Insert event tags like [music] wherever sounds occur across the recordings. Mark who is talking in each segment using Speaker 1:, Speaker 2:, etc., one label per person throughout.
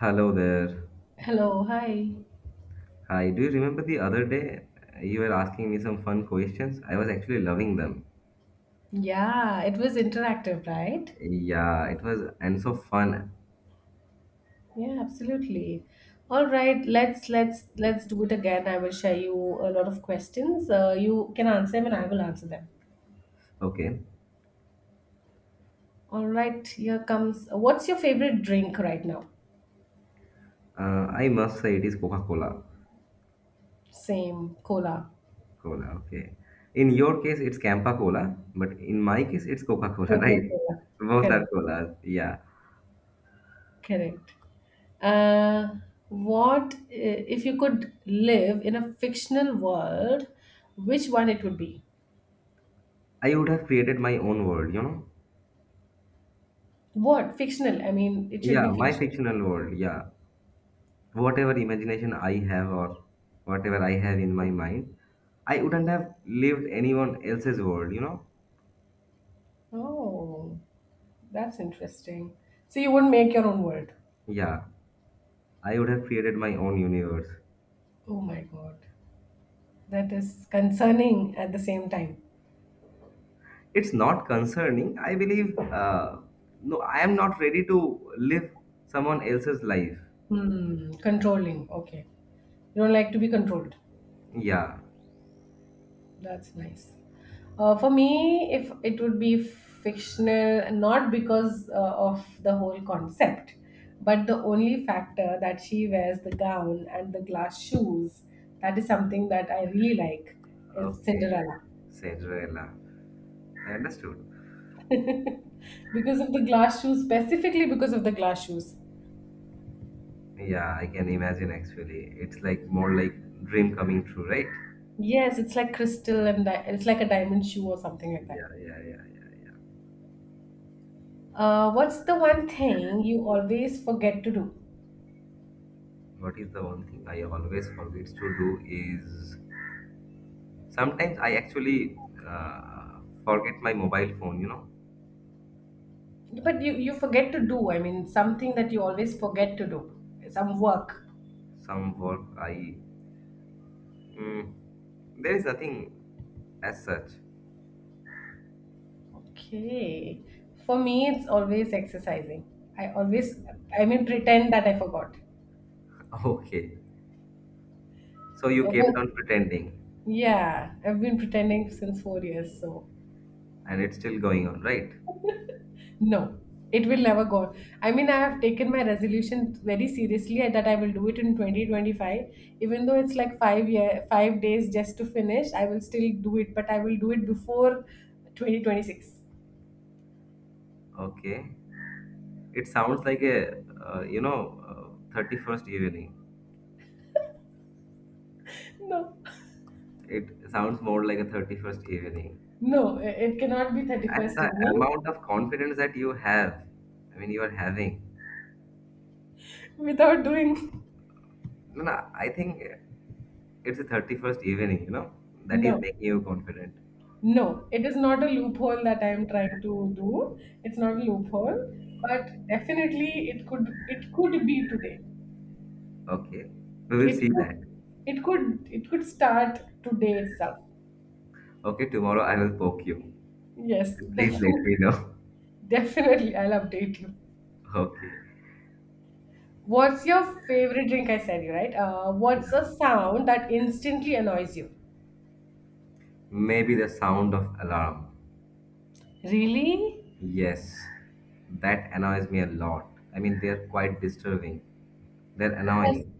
Speaker 1: Hello there.
Speaker 2: Hello, hi.
Speaker 1: Hi, do you remember the other day you were asking me some fun questions? I was actually loving them.
Speaker 2: Yeah, it was interactive, right?
Speaker 1: Yeah, it was and so fun.
Speaker 2: Yeah, absolutely. All right, let's do it again. I will share you a lot of questions. You can answer them and I will answer them.
Speaker 1: Okay.
Speaker 2: All right, here comes. What's your favorite drink right now?
Speaker 1: Uh, I must say it is Coca-Cola.
Speaker 2: Same, cola.
Speaker 1: Cola, okay. In your case, it's Campa Cola, but in my case, it's Coca-Cola, [laughs] right?
Speaker 2: Coca-Cola.
Speaker 1: Both are
Speaker 2: Correct.
Speaker 1: colas. Yeah.
Speaker 2: Correct. Uh, if you could live in a fictional world, which one it would be?
Speaker 1: I would have created my own world, you know?
Speaker 2: What fictional? I mean, it should
Speaker 1: Yeah,
Speaker 2: be
Speaker 1: my
Speaker 2: fictional.
Speaker 1: fictional world. Yeah. Whatever imagination I have or whatever I have in my mind, I wouldn't have lived anyone else's world, you know?
Speaker 2: Oh, that's interesting. So you wouldn't make your own world.
Speaker 1: Yeah, I would have created my own universe.
Speaker 2: Oh my God. That is concerning at the same time.
Speaker 1: It's not concerning. I believe, no, I am not ready to live someone else's life.
Speaker 2: Controlling. Okay. You don't like to be controlled.
Speaker 1: Yeah,
Speaker 2: That's nice. For me, if it would be fictional, not because of the whole concept, but the only factor that she wears the gown and the glass shoes, that is something that I really like, is
Speaker 1: okay,
Speaker 2: Cinderella.
Speaker 1: Cinderella. I understood.
Speaker 2: Because of the glass shoes, specifically because of the glass shoes.
Speaker 1: Yeah, I can imagine actually. It's like more like dream coming true, right?
Speaker 2: Yes, it's like crystal and it's like a diamond shoe or something like
Speaker 1: Yeah,
Speaker 2: that.
Speaker 1: yeah, yeah, yeah.
Speaker 2: What's the one thing you always forget to do?
Speaker 1: What is the one thing I always forget to do is sometimes I actually forget my mobile phone,
Speaker 2: But you forget to do, I mean, something that you always forget to do, some work.
Speaker 1: some work I. Mm, there is nothing as such.
Speaker 2: Okay. For me, it's always exercising. I always,
Speaker 1: [laughs]
Speaker 2: I mean, pretend that I forgot.
Speaker 1: Okay. So you
Speaker 2: Uh,
Speaker 1: kept
Speaker 2: but
Speaker 1: on pretending
Speaker 2: yeah, I've been pretending since 4 years, so.
Speaker 1: and it's still going on, right?
Speaker 2: No, it will never go on. I mean, I have taken my resolution very seriously and that I will do it in 2025. Even though it's like 5 days just to finish, I will still do it, but I will do it before 2026.
Speaker 1: Okay. It sounds like a 31st evening.
Speaker 2: No,
Speaker 1: It sounds more like a 31st evening.
Speaker 2: no, it cannot be
Speaker 1: And
Speaker 2: 31st
Speaker 1: the
Speaker 2: evening
Speaker 1: amount of confidence that you have, I mean, you are having.
Speaker 2: without doing.
Speaker 1: No, no, I think it's the 31st evening, that is
Speaker 2: No,
Speaker 1: making you confident.
Speaker 2: no, it is not a loophole that I am trying to do. It's not a loophole, but definitely it could be today.
Speaker 1: Okay, we will
Speaker 2: It
Speaker 1: see
Speaker 2: could,
Speaker 1: that.
Speaker 2: it could start today itself.
Speaker 1: Okay, tomorrow I will poke you.
Speaker 2: Yes, [laughs]
Speaker 1: Please let
Speaker 2: definitely,
Speaker 1: me know.
Speaker 2: definitely. I'll update you.
Speaker 1: [laughs] Okay,
Speaker 2: What's your favorite drink? I said you right. What's a
Speaker 1: yeah.
Speaker 2: sound that instantly annoys you?
Speaker 1: Maybe the sound of alarm.
Speaker 2: Really?
Speaker 1: Yes, that annoys me a lot. I mean, they're quite disturbing. They're
Speaker 2: It does,
Speaker 1: annoying.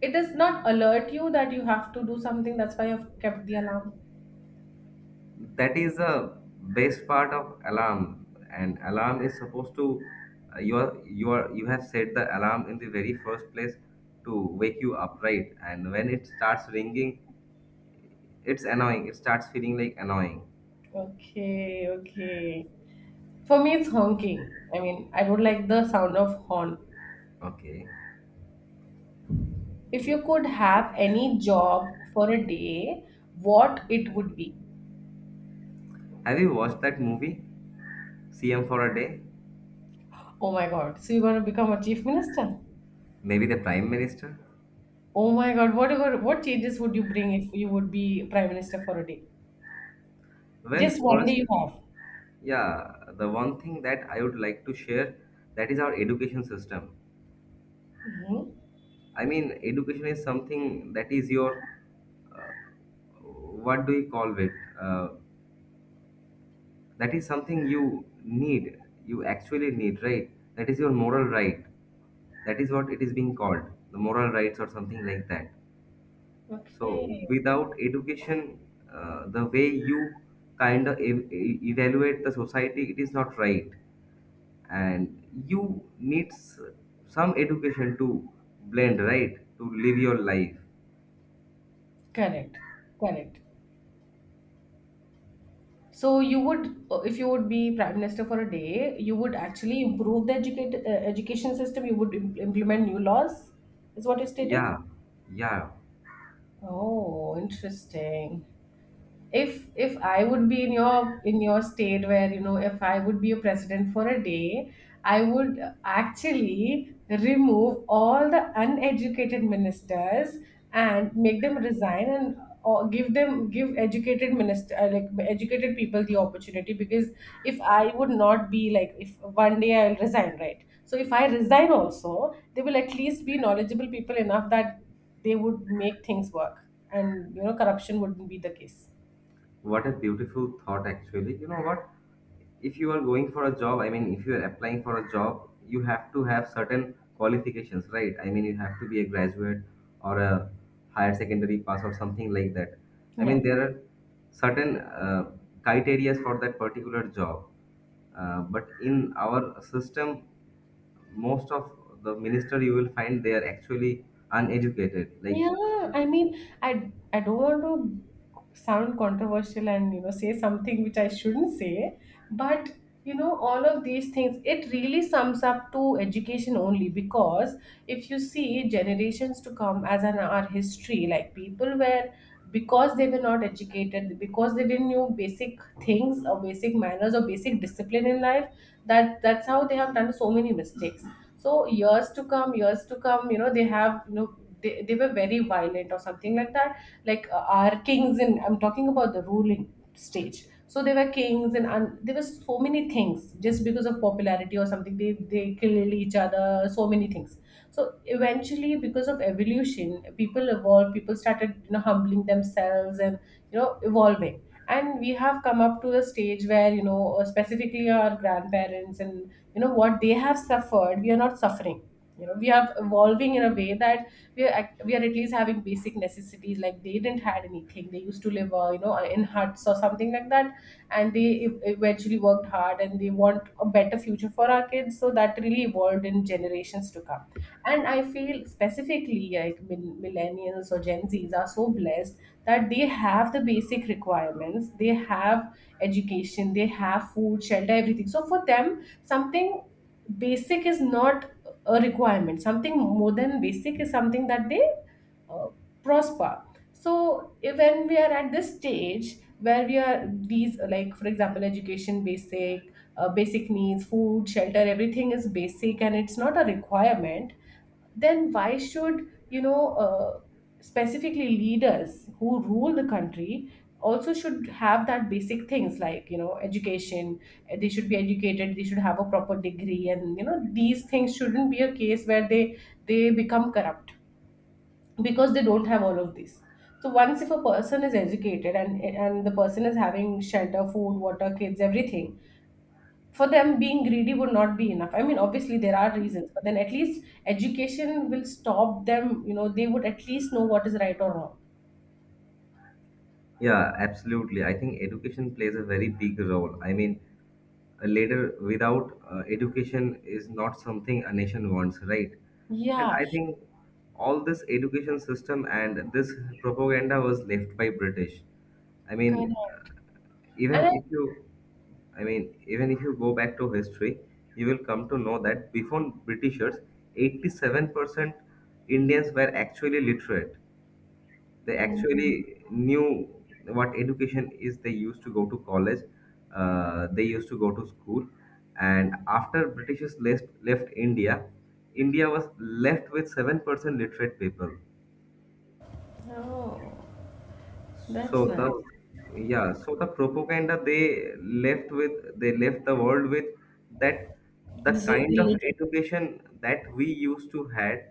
Speaker 2: it does not alert you that you have to do something. That's why you've kept the alarm.
Speaker 1: That is the best part of alarm, and alarm is supposed to, you have set the alarm in the very first place to wake you up, right? And when it starts ringing, it's annoying, it starts feeling like annoying.
Speaker 2: Okay, okay. For me, it's honking. I mean, I don't like the sound of horn.
Speaker 1: Okay,
Speaker 2: If you could have any job for a day, what it would be?
Speaker 1: have you watched that movie CM for a day?
Speaker 2: Oh my God. So you're going to become a chief minister?
Speaker 1: Maybe the Prime Minister.
Speaker 2: Oh my God. You what changes would you bring if you would be prime minister for a day?
Speaker 1: Well,
Speaker 2: Just one day
Speaker 1: first,
Speaker 2: you have.
Speaker 1: yeah, the one thing that I would like to share, that is our education system.
Speaker 2: Hmm.
Speaker 1: I mean, education is something that is your what do you call it? Uh, that is something you need, you actually need, right? That is your moral right. That is what it is being called, the moral rights or something like that.
Speaker 2: Okay.
Speaker 1: So, without education, the way you kind of evaluate the society, it is not right. And you need some education to blend, right? To live your life.
Speaker 2: Correct. Correct. So you would, if you would be prime minister for a day, you would actually improve the education system. You would implement new laws, is what you're stating?
Speaker 1: Yeah, yeah.
Speaker 2: Oh, interesting. if if I would be in your state, where you know, if I would be a president for a day, I would actually remove all the uneducated ministers and make them resign, and or give educated minister, like educated people the opportunity, because if I would not be like, if one day I'll resign, right? So if I resign also, they will at least be knowledgeable people enough that they would make things work, and you know, corruption wouldn't be the case.
Speaker 1: What a beautiful thought, actually. You know what? If you are going for a job, I mean, if you are applying for a job, you have to have certain qualifications, right? I mean, you have to be a graduate or a higher secondary pass or something like that. I
Speaker 2: Yeah.
Speaker 1: mean, there are certain criteria for that particular job. But in our system, most of the minister you will find they are actually uneducated. Like,
Speaker 2: Yeah, I mean, I don't want to sound controversial and, you know, say something which I shouldn't say, but you know, all of these things, it really sums up to education only, because if you see generations to come as an our history, like people were, because they were not educated, because they didn't know basic things or basic manners or basic discipline in life, that's how they have done so many mistakes. So years to come, you know, they have, you know, they were very violent or something like that, like our kings, and I'm talking about the ruling stage. So they were kings, and there were so many things, just because of popularity or something, they kill each other, so many things. So eventually, because of evolution, people evolved, people started, you know, humbling themselves and you know, evolving. And we have come up to a stage where you know, specifically our grandparents, and you know, what they have suffered, we are not suffering. You know, we are evolving in a way that we we are at least having basic necessities. Like they didn't had anything, they used to live, you know, in huts or something like that, and they eventually worked hard, and they want a better future for our kids, so that really evolved in generations to come. And I feel specifically like millennials or Gen Z's are so blessed that they have the basic requirements. They have education, they have food, shelter, everything. So for them, something basic is not a requirement, something more than basic is something that they uh, prosper. So if, when we are at this stage where we are these, like for example, education basic, basic needs, food, shelter, everything is basic and it's not a requirement, then why should you know, specifically leaders who rule the country also should have that basic things, like you know, education. They should be educated, they should have a proper degree, and you know, these things shouldn't be a case where they become corrupt because they don't have all of these. So once if a person is educated, and the person is having shelter, food, water, kids, everything, for them being greedy would not be enough. I mean obviously there are reasons, but then at least education will stop them. You know, they would at least know what is right or wrong.
Speaker 1: yeah, absolutely. I think education plays a very big role. I mean, later without education is not something a nation wants, right? And
Speaker 2: Yeah.
Speaker 1: I think all this education system and this propaganda was left by British. I
Speaker 2: Correct.
Speaker 1: mean, even
Speaker 2: And I,
Speaker 1: if you even if you go back to history, you will come to know that before Britishers, 87% Indians were actually literate. They
Speaker 2: mhm.
Speaker 1: actually knew what education is. They used to go to college, they used to go to school. And after Britishers left India, India was left with 7% literate people.
Speaker 2: Oh,
Speaker 1: So
Speaker 2: that's nice.
Speaker 1: the, yeah, so the propaganda they left with, they left the world with that. The
Speaker 2: This is
Speaker 1: kind of
Speaker 2: illegal.
Speaker 1: education that we used to had,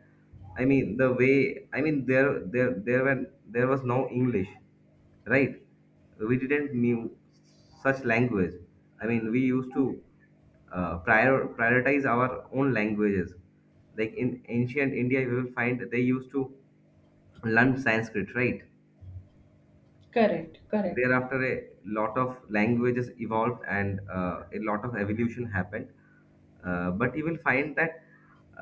Speaker 1: I mean, there was no English, right? We didn't knew such language. I mean, we used to prioritize our own languages. Like in ancient India, you will find they used to learn Sanskrit, right?
Speaker 2: Correct, correct.
Speaker 1: Thereafter, a lot of languages evolved, and a lot of evolution happened. But you will find that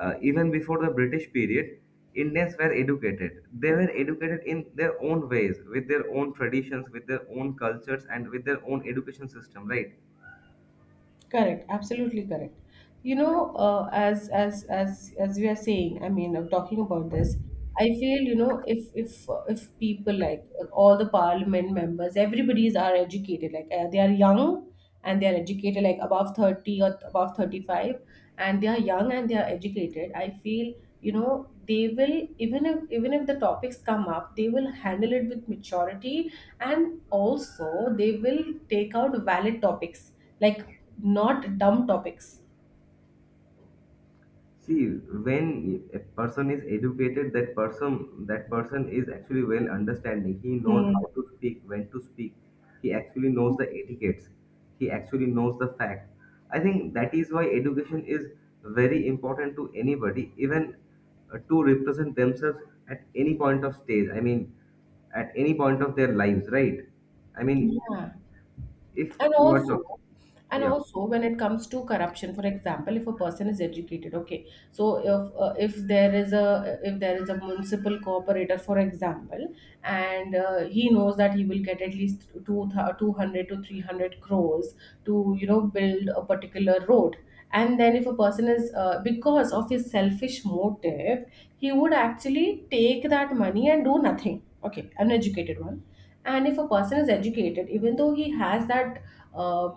Speaker 1: even before the British period, Indians were educated. They were educated in their own ways, with their own traditions, with their own cultures, and with their own education system, right?
Speaker 2: Correct, absolutely correct. You know, as we are saying, I mean, talking about this, I feel you know, if if people like all the parliament members, everybody's are educated. Like they are young and they are educated, like above 30 or above 35, and they are young and they are educated. I feel you know, they will, even if the topics come up, they will handle it with maturity, and also they will take out valid topics, like not dumb topics.
Speaker 1: See, when a person is educated, that person is actually well understanding. He knows how
Speaker 2: Hmm.
Speaker 1: to speak, when to speak. He actually knows the etiquettes. He actually knows the fact. I think that is why education is very important to anybody, even to represent themselves at any point of stage. I mean, at any point of their lives, right? I mean,
Speaker 2: Yeah,
Speaker 1: if
Speaker 2: and
Speaker 1: you are
Speaker 2: also,
Speaker 1: talking, yeah,
Speaker 2: when it comes to corruption, for example, if a person is educated, okay. So if there is a, municipal cooperator for example, and he knows that he will get at least 200 to 300 crores to you know, build a particular road, and then if a person is, because of his selfish motive, he would actually take that money and do nothing, okay, an educated one. And if a person is educated, even though he has that, uh,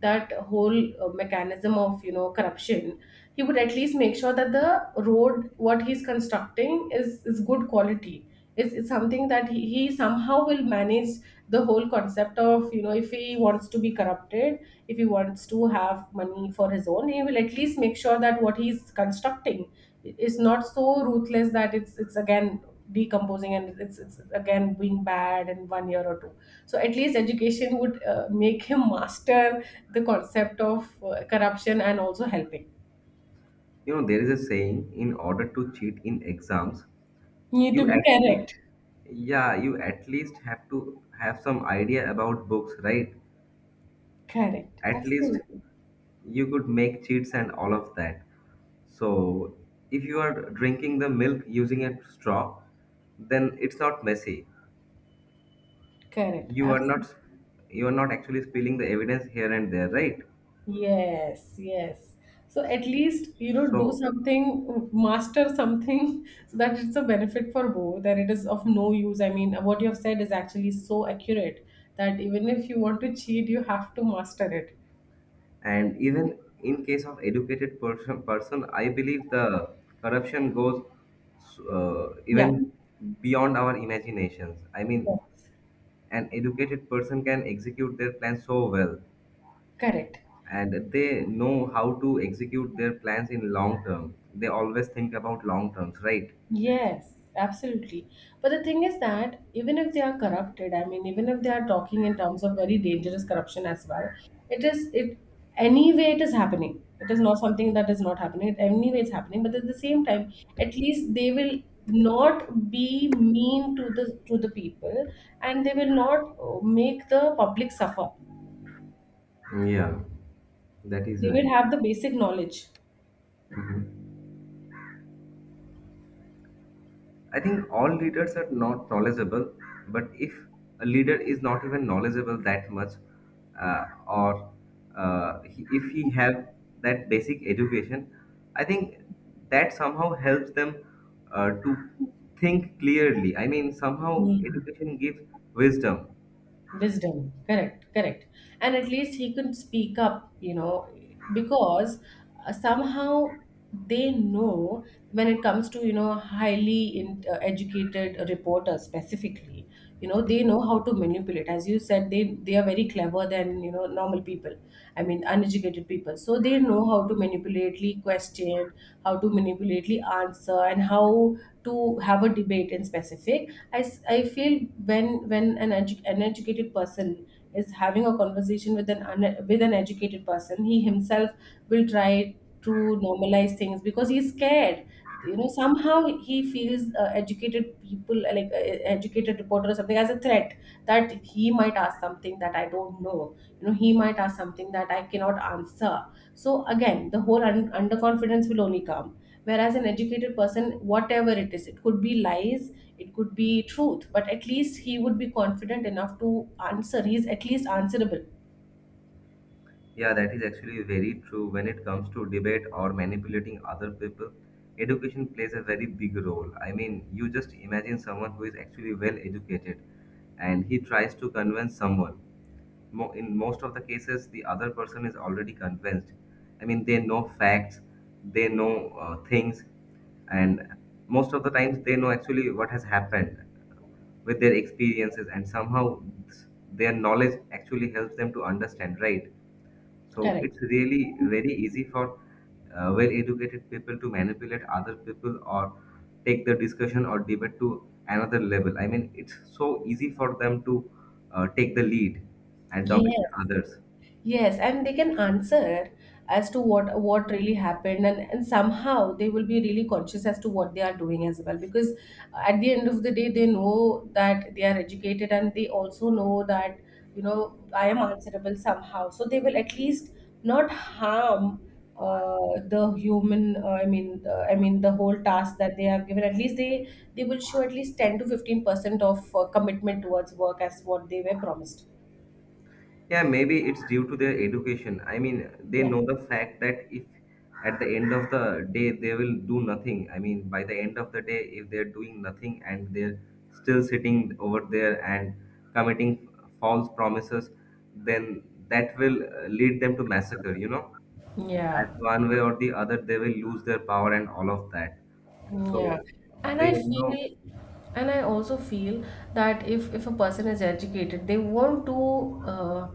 Speaker 2: that whole mechanism of you know, corruption, he would at least make sure that the road what he's constructing is good quality. It's something that he somehow will manage the whole concept of, you know, if he wants to be corrupted, if he wants to have money for his own, he will at least make sure that what he's constructing is not so ruthless that it's again decomposing, and it's again being bad in one year or two. So at least education would make him [laughs] master the concept of corruption and also helping.
Speaker 1: there is a saying: in order to cheat in exams,
Speaker 2: Need to
Speaker 1: you
Speaker 2: be
Speaker 1: at least,
Speaker 2: correct.
Speaker 1: yeah, you at least have to have some idea about books, right?
Speaker 2: Correct,
Speaker 1: At least
Speaker 2: absolutely.
Speaker 1: you could make cheats and all of that. So if you are drinking the milk using a straw, then it's not messy.
Speaker 2: Correct,
Speaker 1: you are not
Speaker 2: absolutely.
Speaker 1: you are not actually spilling the evidence here and there, right?
Speaker 2: Yes, yes. So at least, you know, do
Speaker 1: So,
Speaker 2: something, master something, [laughs] so that it's a benefit for both, that it is of no use. I mean, what you have said is actually so accurate that even if you want to cheat, you have to master it.
Speaker 1: and even in case of educated person, I believe the corruption goes,
Speaker 2: Yeah.
Speaker 1: even beyond our imaginations. I mean,
Speaker 2: Yes.
Speaker 1: an educated person can execute their plans so well,
Speaker 2: Correct.
Speaker 1: and they know how to execute their plans in long term. They always think about long terms, right?
Speaker 2: Yes, absolutely. But the thing is that even if they are corrupted, I mean, even if they are talking in terms of very dangerous corruption as well, it is it anyway it is happening. It is not something that is not happening. It anyway it's happening. But at the same time, at least they will not be mean to the people, and they will not make the public suffer.
Speaker 1: Yeah, that is
Speaker 2: They will
Speaker 1: right.
Speaker 2: have the basic knowledge.
Speaker 1: I think all leaders are not knowledgeable, but if a leader is not even knowledgeable that much, or he, if he have that basic education, I think that somehow helps them to think clearly. I mean, somehow
Speaker 2: Hmm.
Speaker 1: education gives wisdom.
Speaker 2: Wisdom, correct, correct. And at least he could speak up, you know, because somehow they know when it comes to, you know, educated reporters specifically, you know, they know how to manipulate. As you said, they are very clever than, you know, normal people. I mean, uneducated people. So they know how to manipulately question, how to manipulately answer, and how to have a debate in specific. I feel when an educated person is having a conversation with an educated person, he himself will try to normalize things because he's scared. Somehow he feels educated people like educated reporter or something as a threat that he might ask something that I don't know. He might ask something that I cannot answer. So again the whole underconfidence will only come, whereas an educated person, whatever it is, it could be lies, it could be truth, but at least he would be confident enough to answer. He's at least answerable.
Speaker 1: Yeah, that is actually very true. When it comes to debate or manipulating other people, education plays a very big role. I mean, you just imagine someone who is actually well educated and he tries to convince someone. In most of the cases, the other person is already convinced. I mean, they know facts, they know things, and most of the times they know actually what has happened with their experiences, and somehow their knowledge actually helps them to understand, right? So
Speaker 2: Correct.
Speaker 1: it's really very easy for well-educated people to manipulate other people or take the discussion or debate to another level. I mean, it's so easy for them to take the lead and dominate
Speaker 2: Yes.
Speaker 1: others.
Speaker 2: Yes, and they can answer as to what really happened, and somehow they will be really conscious as to what they are doing as well. Because at the end of the day, they know that they are educated, and they also know that I am answerable somehow. So they will at least not harm the human. I mean the whole task that they have given. At least they will show at least 10 to 15% of commitment towards work as what they were promised.
Speaker 1: Yeah, maybe it's due to their education. I mean, they
Speaker 2: Yeah.
Speaker 1: know the fact that if at the end of the day they will do nothing. I mean, by the end of the day, if they're doing nothing and they're still sitting over there and committing false promises, then that will lead them to massacre, you know? At
Speaker 2: Yeah.
Speaker 1: one way or the other, they will lose their power and all of that.
Speaker 2: Yeah.
Speaker 1: So
Speaker 2: And
Speaker 1: they
Speaker 2: I
Speaker 1: know.
Speaker 2: feel, and I also feel that if a person is educated, they won't do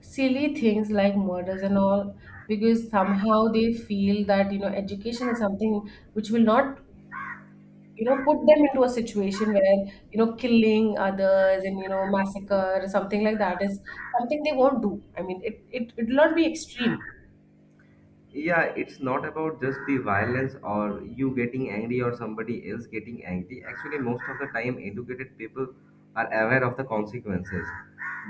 Speaker 2: silly things like murders and all, because somehow they feel that education is something which will not put them into a situation where killing others and massacre or something like that is something they won't do. I mean, it will not be extreme.
Speaker 1: Yeah, it's not about just the violence or you getting angry or somebody else getting angry. Actually, most of the time, educated people are aware of the consequences.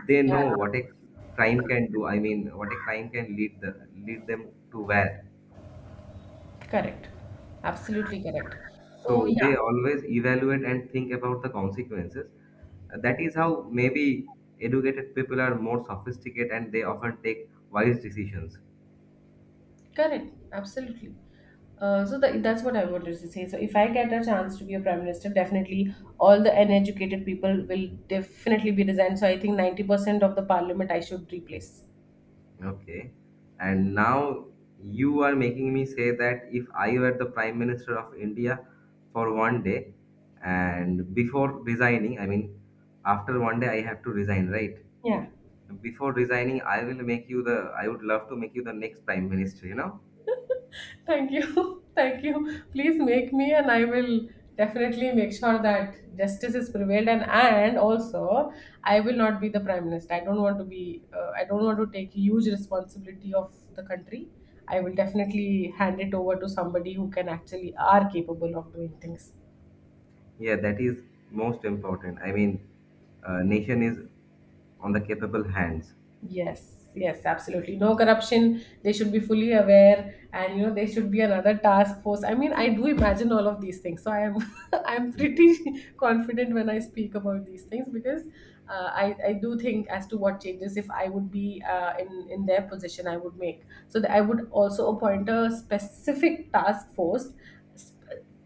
Speaker 1: They know what a crime can do. I mean, what a crime can lead them to where.
Speaker 2: Correct. Absolutely correct. So
Speaker 1: So
Speaker 2: yeah.
Speaker 1: they always evaluate and think about the consequences. That is how maybe educated people are more sophisticated and they often take wise decisions.
Speaker 2: Correct, absolutely. So the that's what I wanted to say. So if I get a chance to be a prime minister, definitely all the uneducated people will definitely be resigned. So I think 90% of the parliament I should replace.
Speaker 1: Okay. And now you are making me say that if I were the Prime Minister of India for one day and before resigning, I mean, after one day I have to resign, right?
Speaker 2: Yeah.
Speaker 1: Before resigning, I would love to make you the next Prime Minister, you know?
Speaker 2: Thank you. [laughs] Thank you. Please make me and I will definitely make sure that justice is prevailed, and also I will not be the prime minister. I don't want to be I don't want to take huge responsibility of the country. I will definitely hand it over to somebody who can actually are capable of doing things.
Speaker 1: Yeah, that is most important. I mean, nation is on the capable hands.
Speaker 2: Yes, yes, absolutely. No corruption. They should be fully aware, and there should be another task force. I mean, I do imagine all of these things, so I am, [laughs] I'm pretty [laughs] confident when I speak about these things because I do think as to what changes if I would be in their position, I would make. So that I would also appoint a specific task force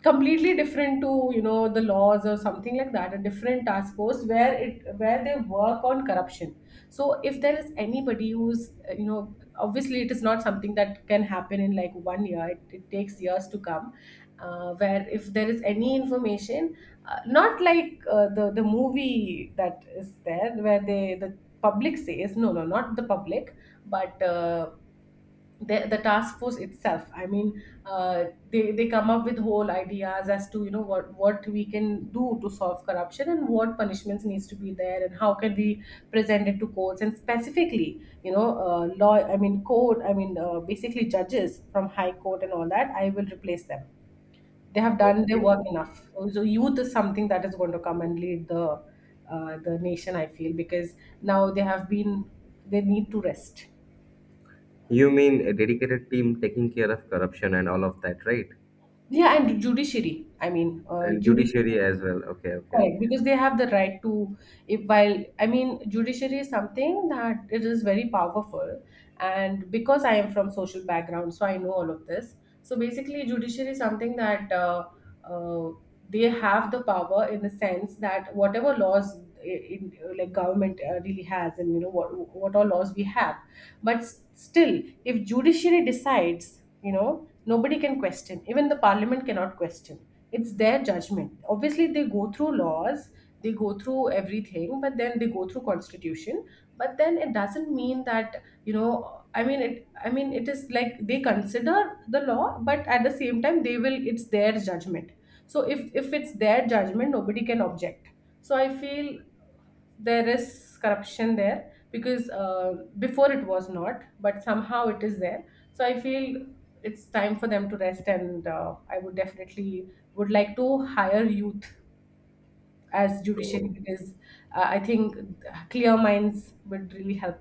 Speaker 2: completely different to the laws or something like that, a different task force where they work on corruption. So if there is anybody who's obviously it is not something that can happen in like 1 year. It takes years to come, where if there is any information, not like the movie that is there where they the public says no, no, not the public, but the task force itself. I mean they come up with whole ideas as to what we can do to solve corruption, and what punishments needs to be there, and how can we present it to courts and specifically, law. I mean court. I mean basically judges from high court and all that, I will replace them. They have done their
Speaker 1: Okay.
Speaker 2: work enough, so youth is something that is going to come and lead the the nation, I feel, because now they have been, they need to rest.
Speaker 1: You mean a dedicated team taking care of corruption and all of that, right?
Speaker 2: Yeah, and judiciary. I mean,
Speaker 1: And
Speaker 2: judiciary.
Speaker 1: judiciary as well. Okay, okay,
Speaker 2: Correct,
Speaker 1: okay.
Speaker 2: because they have the right to, if while I mean, judiciary is something that it is very powerful, and because I am from social background, so I know all of this. So basically, judiciary is something that uh, they have the power in the sense that whatever laws i- in, like government really has, and what all laws we have. But still, if judiciary decides, nobody can question. Even the parliament cannot question. It's their judgment. Obviously they go through laws, they go through everything, but then they go through constitution. But then it doesn't mean that I mean it is like they consider the law, but at the same time they will, it's their judgment. So if it's their judgment, nobody can object. So I feel there is corruption there, because before it was not, but somehow it is there. So I feel it's time for them to rest, and I would definitely would like to hire youth as judiciary,
Speaker 1: So,
Speaker 2: because I think clear minds would really help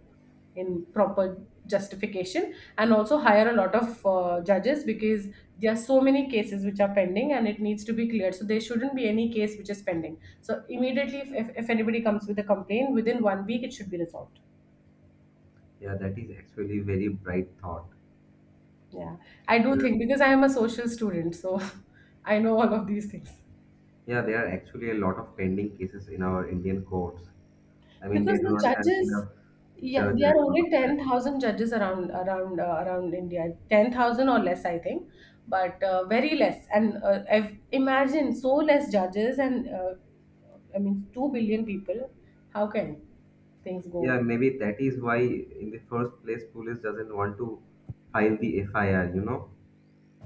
Speaker 2: in proper justification, and also hire a lot of judges, because there are so many cases which are pending and it needs to be cleared. So there shouldn't be any case which is pending. So immediately, if anybody comes with a complaint, within 1 week it should be resolved.
Speaker 1: yeah, that is actually very bright thought.
Speaker 2: Yeah, I do
Speaker 1: Yeah,
Speaker 2: think because I am a social student, so [laughs] I know all of these things.
Speaker 1: yeah, there are actually a lot of pending cases in our Indian courts. I mean, they
Speaker 2: Because
Speaker 1: do
Speaker 2: the
Speaker 1: not have
Speaker 2: judges,
Speaker 1: enough
Speaker 2: yeah,
Speaker 1: judge
Speaker 2: there are
Speaker 1: and all
Speaker 2: only
Speaker 1: of that.
Speaker 2: 10,000 judges around India. 10,000 or less, I think. But very less, and imagine so less judges, and I mean 2 billion people. How can things
Speaker 1: Yeah,
Speaker 2: go?
Speaker 1: maybe that is why in the first place police doesn't want to file the FIR, you know.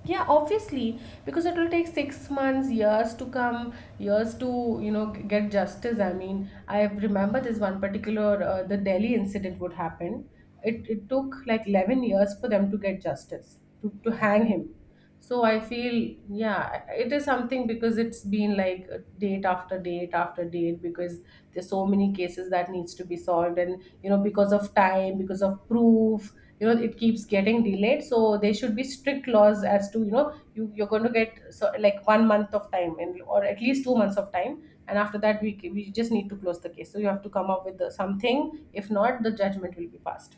Speaker 2: Yeah, obviously, because it will take 6 months, years to come, years to get justice. I mean, I remember this one particular the Delhi incident would happen. It took like 11 years for them to get justice to hang him. So I feel, yeah, it is something because it's been like date after date after date. Because there's so many cases that needs to be solved, and because of time, because of proof, it keeps getting delayed. So there should be strict laws as to you're going to get so like 1 month of time, and or at least 2 months of time. And after that we just need to close the case, so you have to come up with the, something. If not, the judgment will be passed.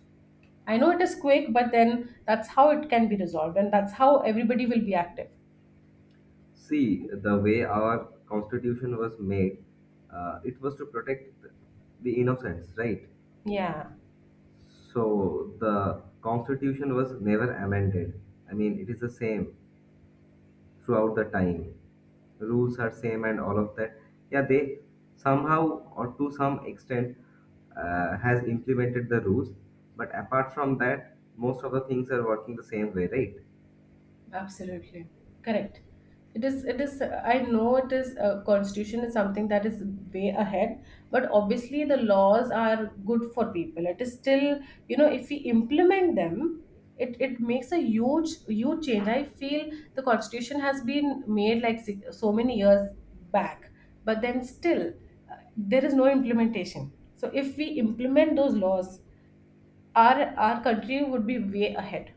Speaker 2: I know it is quick, but then that's how it can be resolved, and that's how everybody will be active.
Speaker 1: See, the way our constitution was made, it was to protect the innocents, right?
Speaker 2: Yeah.
Speaker 1: So the constitution was never amended. I mean, it is the same throughout the time. Rules are same and all of that. Yeah, they somehow or to some extent has implemented the rules, but apart from that, most of the things are working the same way, right?
Speaker 2: Absolutely. Correct. I know it is, constitution is something that is way ahead, but obviously the laws are good for people. It is still, if we implement them, it makes a huge, huge change. I feel the constitution has been made like so many years back, but then still there is no implementation. So if we implement those laws, our country would be way ahead,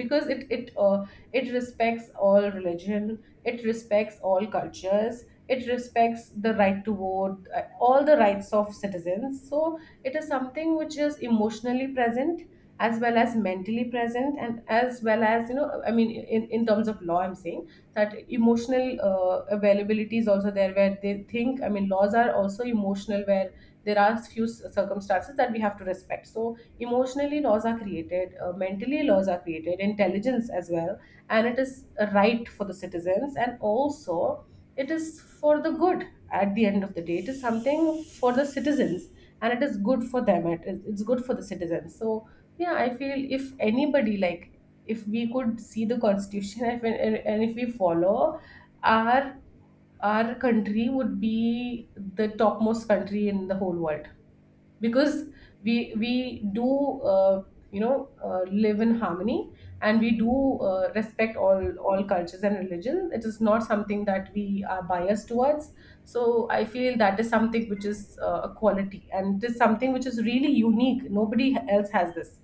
Speaker 2: because it it respects all religion, it respects all cultures, it respects the right to vote, all the rights of citizens. So it is something which is emotionally present, as well as mentally present, and as well as I mean in terms of law, I'm saying that emotional availability is also there where they think. I mean laws are also emotional where there are few circumstances that we have to respect. So emotionally laws are created, mentally laws are created, intelligence as well. And it is a right for the citizens, and also it is for the good. At the end of the day, it is something for the citizens, and it is good for them. It's good for the citizens. So yeah, I feel if anybody like, if we could see the constitution, if, and if we follow, our our country would be the topmost country in the whole world. Because we do live in harmony, and we do respect all cultures and religions. It is not something that we are biased towards. So I feel that is something which is a quality, and it is something which is really unique. Nobody else has this.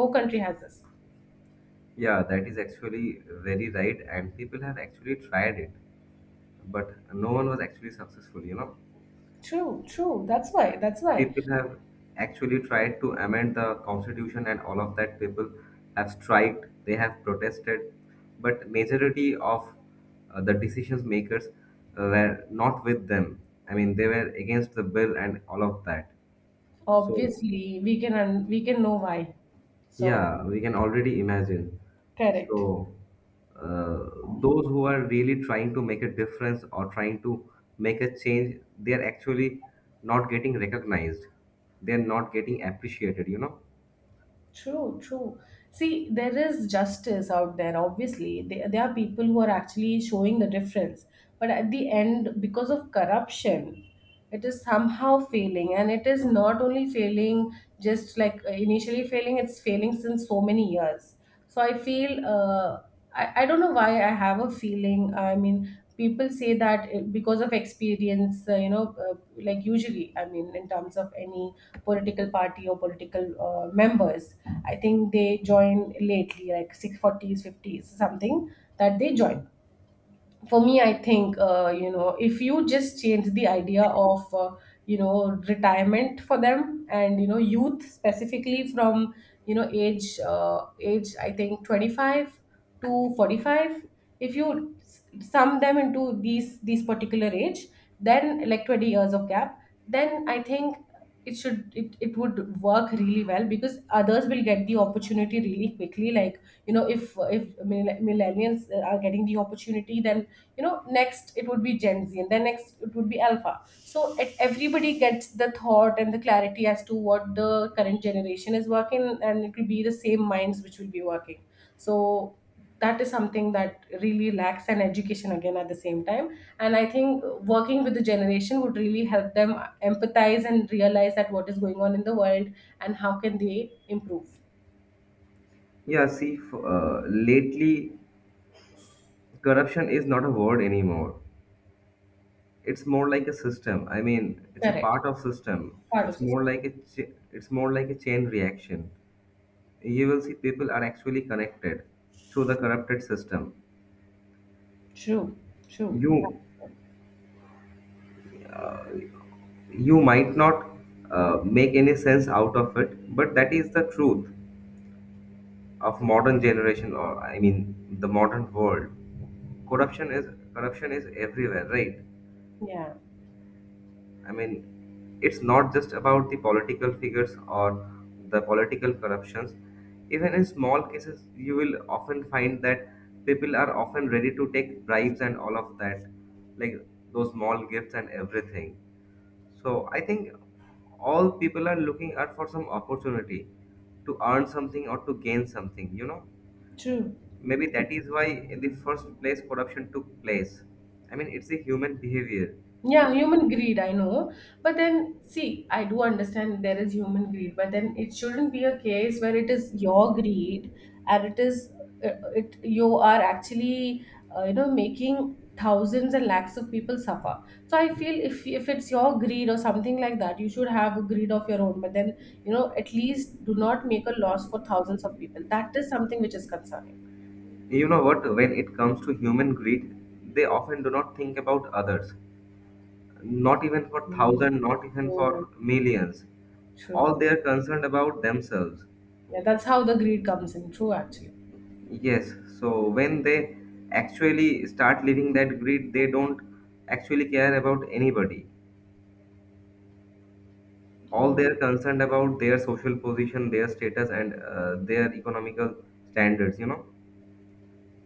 Speaker 2: No country has this.
Speaker 1: Yeah, that is actually very right, and people have actually tried it, but no one was actually successful, you know.
Speaker 2: True, true. That's why, that's why.
Speaker 1: People have actually tried to amend the constitution and all of that. People have striked, they have protested, but majority of the decisions makers were not with them. I mean, they were against the bill and all of that. So
Speaker 2: Obviously we can know why. So.
Speaker 1: yeah, we can already imagine.
Speaker 2: Correct.
Speaker 1: So uh, those who are really trying to make a difference or trying to make a change, they are actually not getting recognized, they're not getting appreciated, you know.
Speaker 2: True, true. See, there is justice out there, obviously. There are people who are actually showing the difference. But at the end, because of corruption, it is somehow failing. And it is not only failing just like initially failing, it's failing since so many years. So I feel, I don't know why. I have a feeling, I mean, people say that because of experience, like usually, I mean in terms of any political party or political members, I think they join lately like 640s 50s something that they join. For me, I think if you just change the idea of retirement for them, and youth specifically from age, age I think 25 to 45. If you sum them into these particular age, then like 20 years of gap, then I think it should, it would work really well, because others will get the opportunity really quickly. Like, if millennials are getting the opportunity, then next it would be Gen Z, and then next it would be Alpha. So it, everybody gets the thought and the clarity as to what the current generation is working, and it will be the same minds which will be working. So that is something that really lacks an education, again, at the same time. And I think working with the generation would really help them empathize and realize that what is going on in the world, and how can they improve.
Speaker 1: Yeah, see, lately corruption is not a word anymore. It's more like a system. I mean, it's a
Speaker 2: Correct,
Speaker 1: part of system.
Speaker 2: part of
Speaker 1: It's more
Speaker 2: system.
Speaker 1: like a chain reaction. You will see people are actually connected through the corrupted system.
Speaker 2: True, true.
Speaker 1: You you might not make any sense out of it, but that is the truth of modern generation, or I mean, the modern world. Corruption is corruption is everywhere, right?
Speaker 2: Yeah,
Speaker 1: I mean, it's not just about the political figures or the political corruptions. Even in small cases, you will often find that people are often ready to take bribes and all of that, like those small gifts and everything. So I think all people are looking out for some opportunity to earn something or to gain something, you know?
Speaker 2: true.
Speaker 1: Maybe that is why in the first place corruption took place. I mean, it's a human behavior.
Speaker 2: Yeah, human greed, I know. But then, see, I do understand there is human greed, but then it shouldn't be a case where it is your greed, and it is it you are actually making thousands and lakhs of people suffer. So I feel if it's your greed or something like that, you should have a greed of your own. But then, at least do not make a loss for thousands of people. That is something which is concerning.
Speaker 1: You know what? When it comes to human greed, they often do not think about others, not even for
Speaker 2: Mm,
Speaker 1: thousands, not even
Speaker 2: true,
Speaker 1: for millions. All
Speaker 2: true.
Speaker 1: they are concerned about themselves.
Speaker 2: Yeah, that's how the greed comes in. True, actually.
Speaker 1: Yes, so when they actually start living that greed, they don't actually care about anybody. All they
Speaker 2: Mm.
Speaker 1: are concerned about their social position, their status, and their economical standards, you know.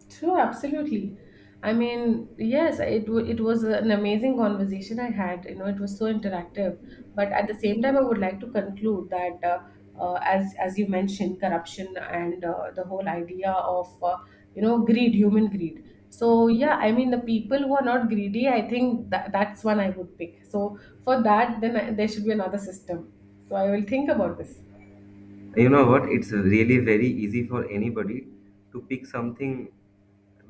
Speaker 2: True, absolutely. I mean, yes, it was an amazing conversation I had. It was so interactive. But at the same time, I would like to conclude that, as you mentioned, corruption, and the whole idea of greed, human greed. So yeah, I mean, the people who are not greedy, I think that that's one I would pick. So for that, then there should be another system. So I will think about this.
Speaker 1: You know what? It's really very easy for anybody to pick something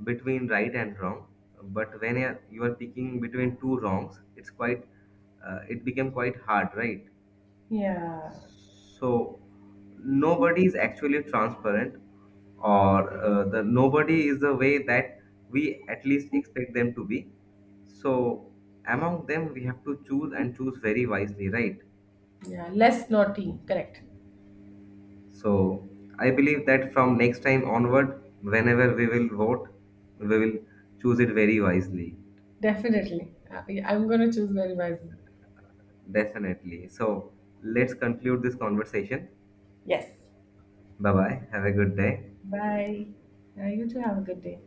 Speaker 1: between right and wrong. But when you are picking between two wrongs, it's quite, it became quite hard, right?
Speaker 2: Yeah,
Speaker 1: So nobody is actually transparent, or the nobody is the way that we at least expect them to be. So among them, we have to choose and choose very wisely, right?
Speaker 2: yeah, less naughty, correct.
Speaker 1: So I believe that from next time onward, whenever we will vote, we will choose it very wisely.
Speaker 2: Definitely. Yeah, I'm going to choose very wisely.
Speaker 1: Definitely. So let's conclude this conversation.
Speaker 2: Yes.
Speaker 1: Bye bye. Have a good day.
Speaker 2: Bye. You too have a good day.